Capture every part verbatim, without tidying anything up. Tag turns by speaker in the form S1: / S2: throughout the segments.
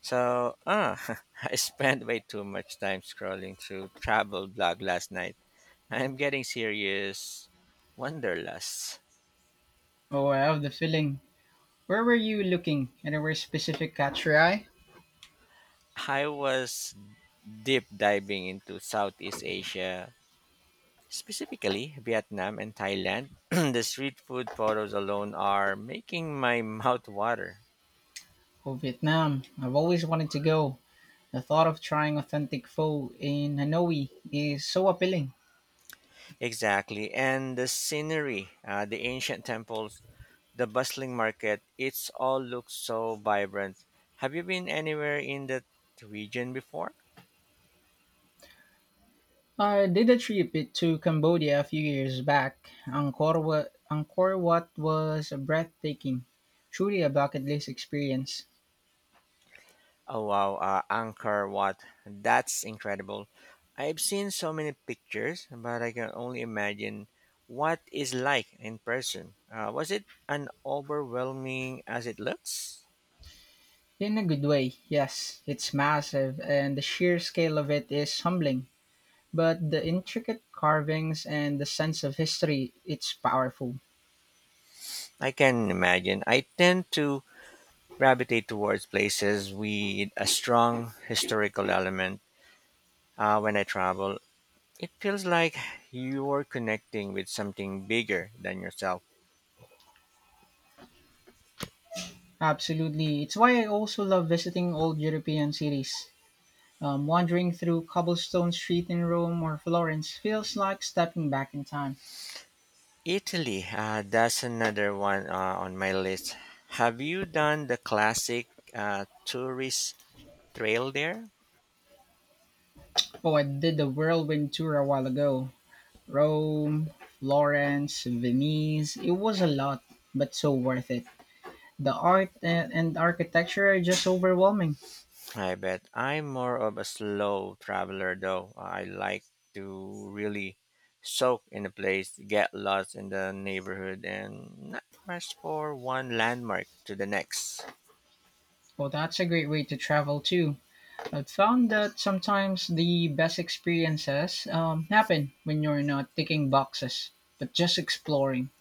S1: So, ah, I spent way too much time scrolling through travel blog last night. I'm getting serious wanderlust.
S2: Oh, I have the feeling. Where were you looking? Anywhere specific catch your eye?
S1: I was deep diving into Southeast Asia, specifically Vietnam and Thailand. The street food photos alone are making my mouth water.
S2: Oh, Vietnam. I've always wanted to go. The thought of trying authentic pho in Hanoi is so appealing.
S1: Exactly, and the scenery, uh, the ancient temples the bustling market. It's all looks so vibrant. Have you been anywhere in that region before?
S2: I did a trip it to Cambodia a few years back. Angkor Wat, Angkor Wat was breathtaking. Truly a bucket list experience.
S1: Oh wow, uh, Angkor Wat. That's incredible. I've seen so many pictures, but I can only imagine what is like in person. Uh, was it an overwhelming as it looks?
S2: In a good way, yes. It's massive and the sheer scale of it is humbling. But the intricate carvings and the sense of history, it's powerful.
S1: I can imagine. I tend to gravitate towards places with a strong historical element uh, when I travel. It feels like you're connecting with something bigger than yourself.
S2: Absolutely. It's why I also love visiting old European cities. Um, wandering through cobblestone street in Rome or Florence feels like stepping back in time.
S1: Italy, uh, that's another one uh, on my list. Have you done the classic uh, tourist trail there?
S2: Oh, I did the whirlwind tour a while ago. Rome, Florence, Venice. It was a lot, but so worth it. The art and, and architecture are just overwhelming.
S1: I bet I'm more of a slow traveler though. I like to really soak in a place, get lost in the neighborhood, and not rush for one landmark to the next.
S2: Well, that's a great way to travel too. I've found that sometimes the best experiences um, happen when you're not ticking boxes, but just exploring.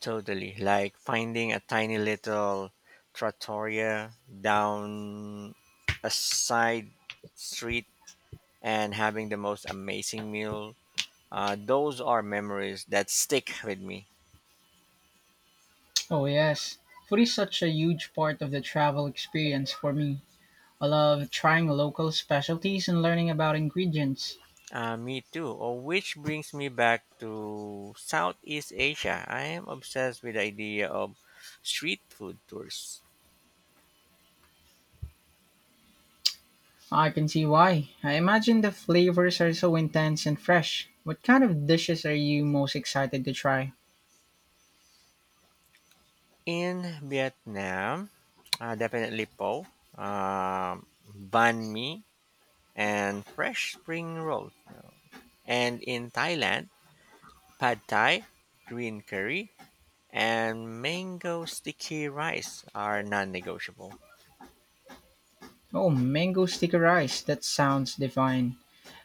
S1: Totally. Like finding a tiny little trattoria down a side street and having the most amazing meal. Uh, those are memories that stick with me.
S2: Oh, yes. Food is such a huge part of the travel experience for me. I love trying local specialties and learning about ingredients.
S1: Uh, me too. Oh, which brings me back to Southeast Asia. I am obsessed with the idea of street food tours.
S2: I can see why. I imagine the flavors are so intense and fresh. What kind of dishes are you most excited to try?
S1: In Vietnam, uh, definitely po, um, banh mi, and fresh spring rolls. No. And in Thailand, pad thai, green curry, and mango sticky rice are non-negotiable.
S2: Oh, mango sticky rice. That sounds divine.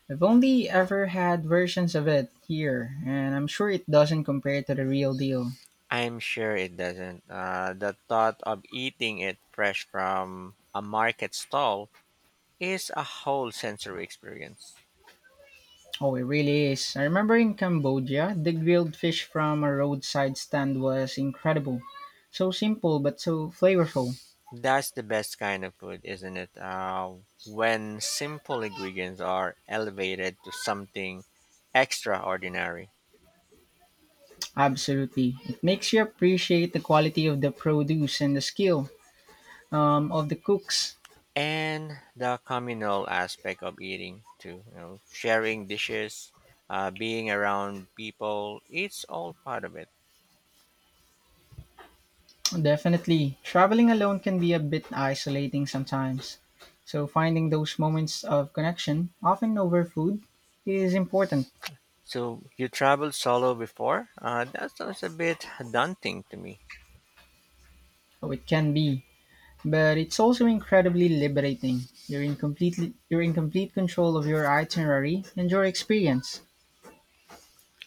S2: I've only ever had versions of it here, and I'm sure it doesn't compare to the real deal.
S1: I'm sure it doesn't. Uh, the thought of eating it fresh from a market stall is a whole sensory experience.
S2: Oh, it really is. I remember in Cambodia, the grilled fish from a roadside stand was incredible. So simple, but so flavorful.
S1: That's the best kind of food, isn't it? Uh, when simple ingredients are elevated to something extraordinary.
S2: Absolutely. It makes you appreciate the quality of the produce and the skill um, of the cooks.
S1: And the communal aspect of eating too you know sharing dishes, uh, being around people, it's all part of it.
S2: Definitely. Traveling alone can be a bit isolating sometimes. So finding those moments of connection, often over food, is important.
S1: So you traveled solo before? Uh, that sounds a bit daunting to me.
S2: Oh, it can be, but it's also incredibly liberating. You're in completely you're in complete control of your itinerary and your experience.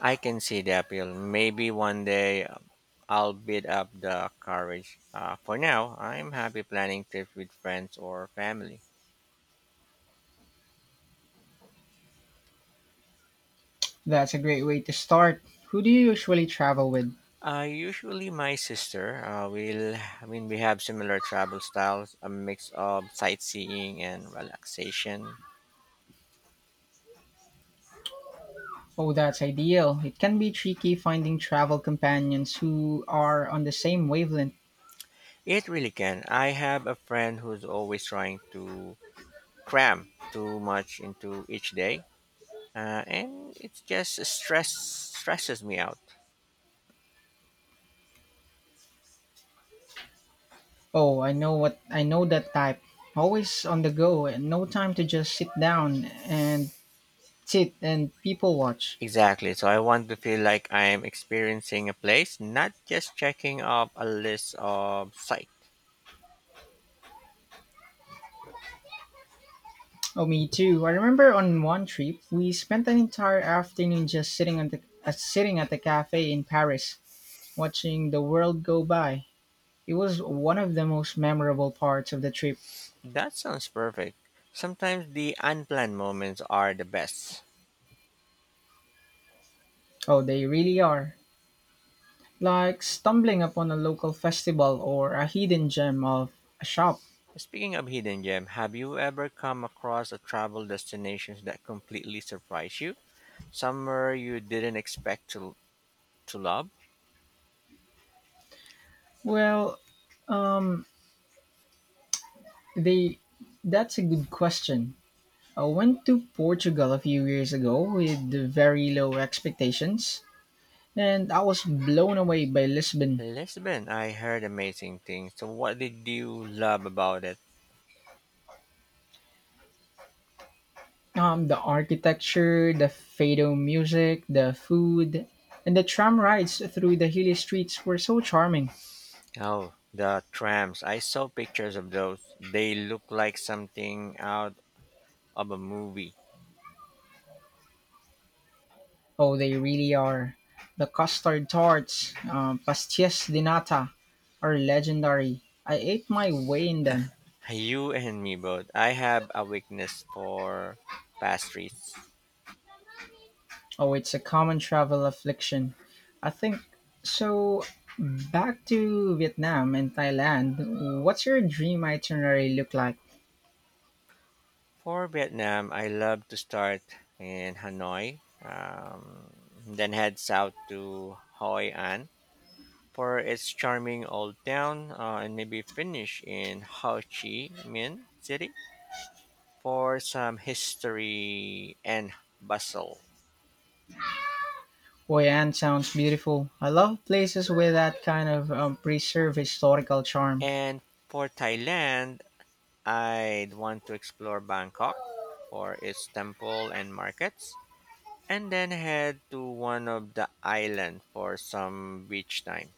S1: I can see the appeal, maybe one day. um, I'll build up the courage. Uh, for now, I'm happy planning trips with friends or family.
S2: That's a great way to start. Who do you usually travel with?
S1: Uh, usually my sister, uh, will, I mean, we have similar travel styles, a mix of sightseeing and relaxation.
S2: Oh, that's ideal. It can be tricky finding travel companions who are on the same wavelength.
S1: It really can. I have a friend who's always trying to cram too much into each day, uh, and it just stress stresses me out.
S2: Oh, I know what I know that type. Always on the go and no time to just sit down and sit and people watch.
S1: Exactly. So I want to feel like I'm experiencing a place, not just checking off a list of sites.
S2: Oh, me too. I remember on one trip, we spent an entire afternoon just sitting at the uh, sitting at the cafe in Paris, watching the world go by. It was one of the most memorable parts of the trip.
S1: That sounds perfect. Sometimes the unplanned moments are the best.
S2: Oh, they really are. Like stumbling upon a local festival or a hidden gem of a shop.
S1: Speaking of hidden gem, have you ever come across a travel destinations that completely surprised you? Somewhere you didn't expect to to love?
S2: Well, um, they that's a good question. I went to Portugal a few years ago with very low expectations, and I was blown away by Lisbon.
S1: Lisbon, I heard amazing things. So what did you love about it?
S2: Um, the architecture, the fado music, the food, and the tram rides through the hilly streets were so charming.
S1: Oh, the trams. I saw pictures of those. They look like something out of a movie.
S2: Oh, they really are. The custard tarts, um, pastillas de nata, are legendary. I ate my way in them.
S1: You and me both. I have a weakness for pastries.
S2: Oh, it's a common travel affliction. I think so. Back to Vietnam and Thailand. What's your dream itinerary look like?
S1: For Vietnam, I love to start in Hanoi, um, then head south to Hoi An for its charming old town, uh, and maybe finish in Ho Chi Minh City for some history and bustle.
S2: Poyan sounds beautiful. I love places with that kind of um, preserved historical charm.
S1: And for Thailand, I'd want to explore Bangkok for its temple and markets, and then head to one of the island for some beach time.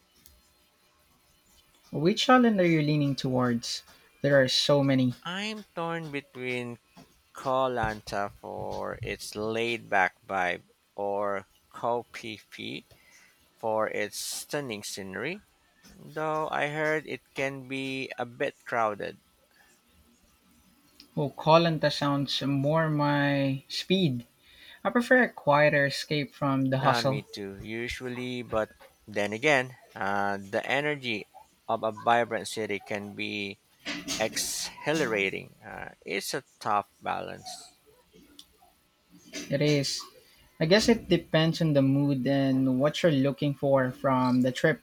S2: Which island are you leaning towards? There are so many.
S1: I'm torn between Koh Lanta for its laid back vibe or Koh Phi Phi for its stunning scenery, though I heard it can be a bit crowded.
S2: Oh, Kolanta sounds more my speed. I prefer a quieter escape from the
S1: Ah, me
S2: hustle.
S1: too, usually, but then again, uh, the energy of a vibrant city can be exhilarating. Uh, it's a tough balance.
S2: It is. I guess it depends on the mood and what you're looking for from the trip.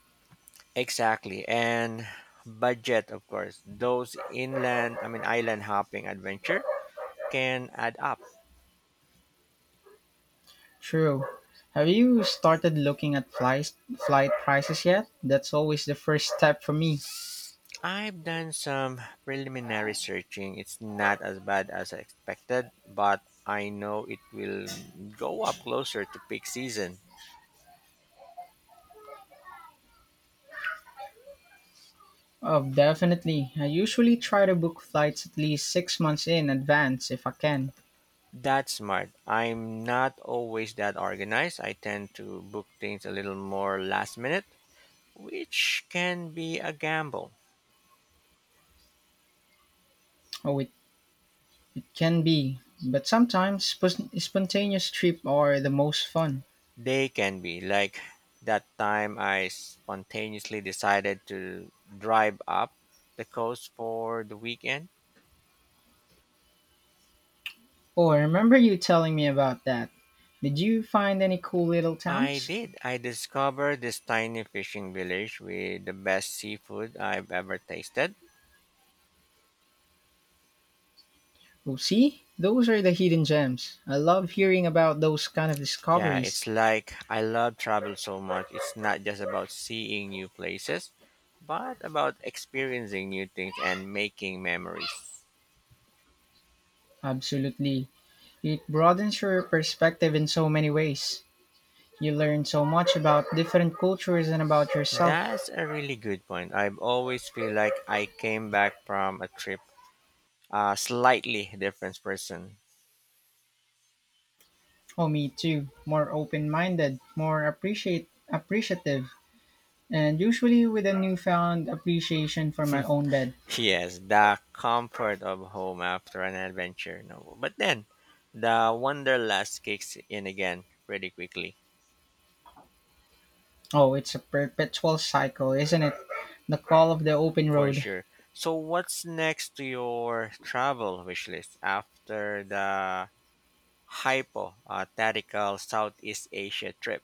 S1: Exactly, and budget, of course. Those inland, I mean island hopping adventure can add up.
S2: True. Have you started looking at flights, flight prices yet? That's always the first step for me.
S1: I've done some preliminary searching. It's not as bad as I expected, but I know it will go up closer to peak season.
S2: Oh, definitely. I usually try to book flights at least six months in advance if I can.
S1: That's smart. I'm not always that organized. I tend to book things a little more last minute, which can be a gamble.
S2: Oh, it, it can be. But sometimes spon- spontaneous trip are the most fun.
S1: They can be, like that time I spontaneously decided to drive up the coast for the weekend.
S2: Oh, I remember you telling me about that. Did you find any cool little
S1: I
S2: towns?
S1: did. I discovered this tiny fishing village with the best seafood I've ever tasted.
S2: Oh, see? Those are the hidden gems. I love hearing about those kind of
S1: Yeah,
S2: discoveries.
S1: it's like I love travel so much. It's not just about seeing new places, but about experiencing new things and making memories.
S2: Absolutely. It broadens your perspective in so many ways. You learn so much about different cultures and about yourself.
S1: That's a really good point. I've always feel like I came back from a trip a slightly different person.
S2: Oh, me too. More open minded, more appreciate appreciative, and usually with a newfound appreciation for my own bed.
S1: Yes, the comfort of home after an adventure. No, but then the wanderlust kicks in again pretty quickly,
S2: Oh, it's a perpetual cycle, isn't it? The call of the open
S1: for
S2: road.
S1: sure. So, what's next to your travel wish list after the hypothetical Southeast Asia trip?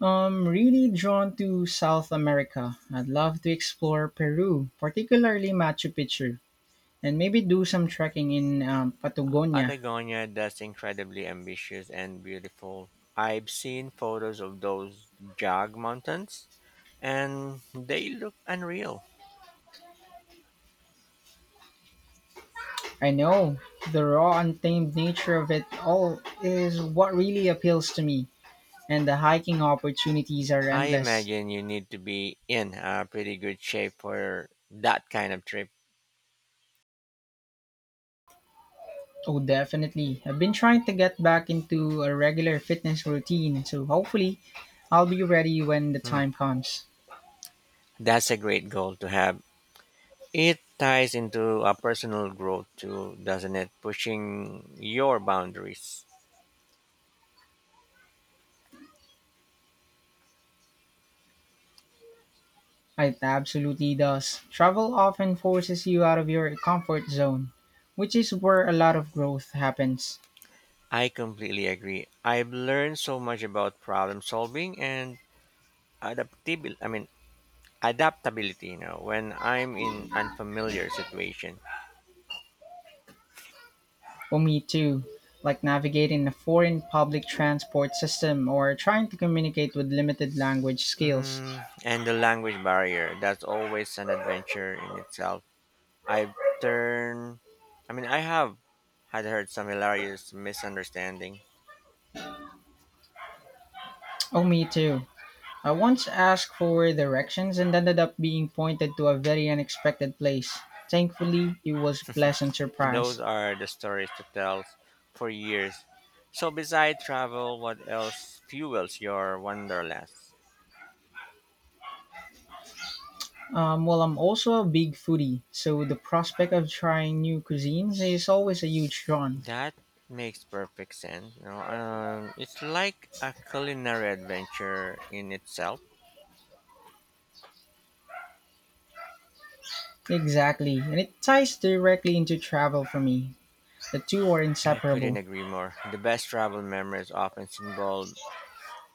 S2: I'm really drawn to South America. I'd love to explore Peru, particularly Machu Picchu, and maybe do some trekking in um,
S1: Uh,
S2: Patagonia.
S1: Patagonia that's incredibly ambitious and beautiful. I've seen photos of those Jag mountains, and they look unreal.
S2: I know the raw, untamed nature of it all is what really appeals to me. And the hiking opportunities are
S1: I
S2: endless.
S1: imagine you need to be in a pretty good shape for that kind of trip.
S2: Oh, definitely. I've been trying to get back into a regular fitness routine, so hopefully I'll be ready when the
S1: Hmm.
S2: time comes.
S1: That's a great goal to have. It ties into a personal growth too, doesn't it? Pushing your boundaries.
S2: It absolutely does. Travel often forces you out of your comfort zone, which is where a lot of growth happens.
S1: I completely agree. I've learned so much about problem solving and adaptability. I mean, adaptability, you know, when I'm in unfamiliar situation.
S2: For me, too, like navigating a foreign public transport system or trying to communicate with limited language skills.
S1: Mm, and the language barrier, that's always an adventure in itself. I've turned. I mean, I have had heard some hilarious misunderstanding.
S2: Oh, me too. I once asked for directions and ended up being pointed to a very unexpected place. Thankfully, it was a pleasant
S1: Those
S2: surprise.
S1: are the stories to tell for years. So, beside travel, what else fuels your wanderlust?
S2: Um, well, I'm also a big foodie, so the prospect of trying new cuisines is always a huge draw.
S1: That makes perfect sense. You know, um, it's like a culinary adventure in itself.
S2: Exactly, and it ties directly into travel for me. The two are
S1: I couldn't
S2: inseparable.
S1: agree more. The best travel memories often involve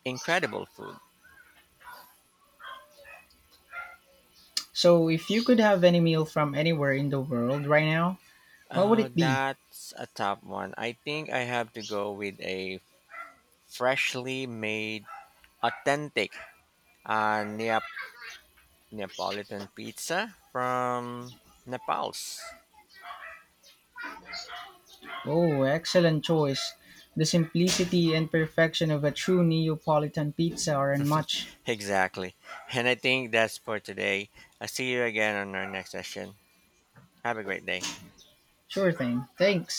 S1: incredible food.
S2: So, if you could have any meal from anywhere in the world right now, what would
S1: Uh,
S2: it be?
S1: that's a top one. I think I have to go with a freshly made, authentic uh, Neap- Neapolitan pizza from Naples.
S2: Oh, excellent choice. The simplicity and perfection of a true Neapolitan pizza are unmatched.
S1: Exactly. And I think that's for today. I'll see you again on our next session. Have a great day.
S2: Sure thing. Thanks.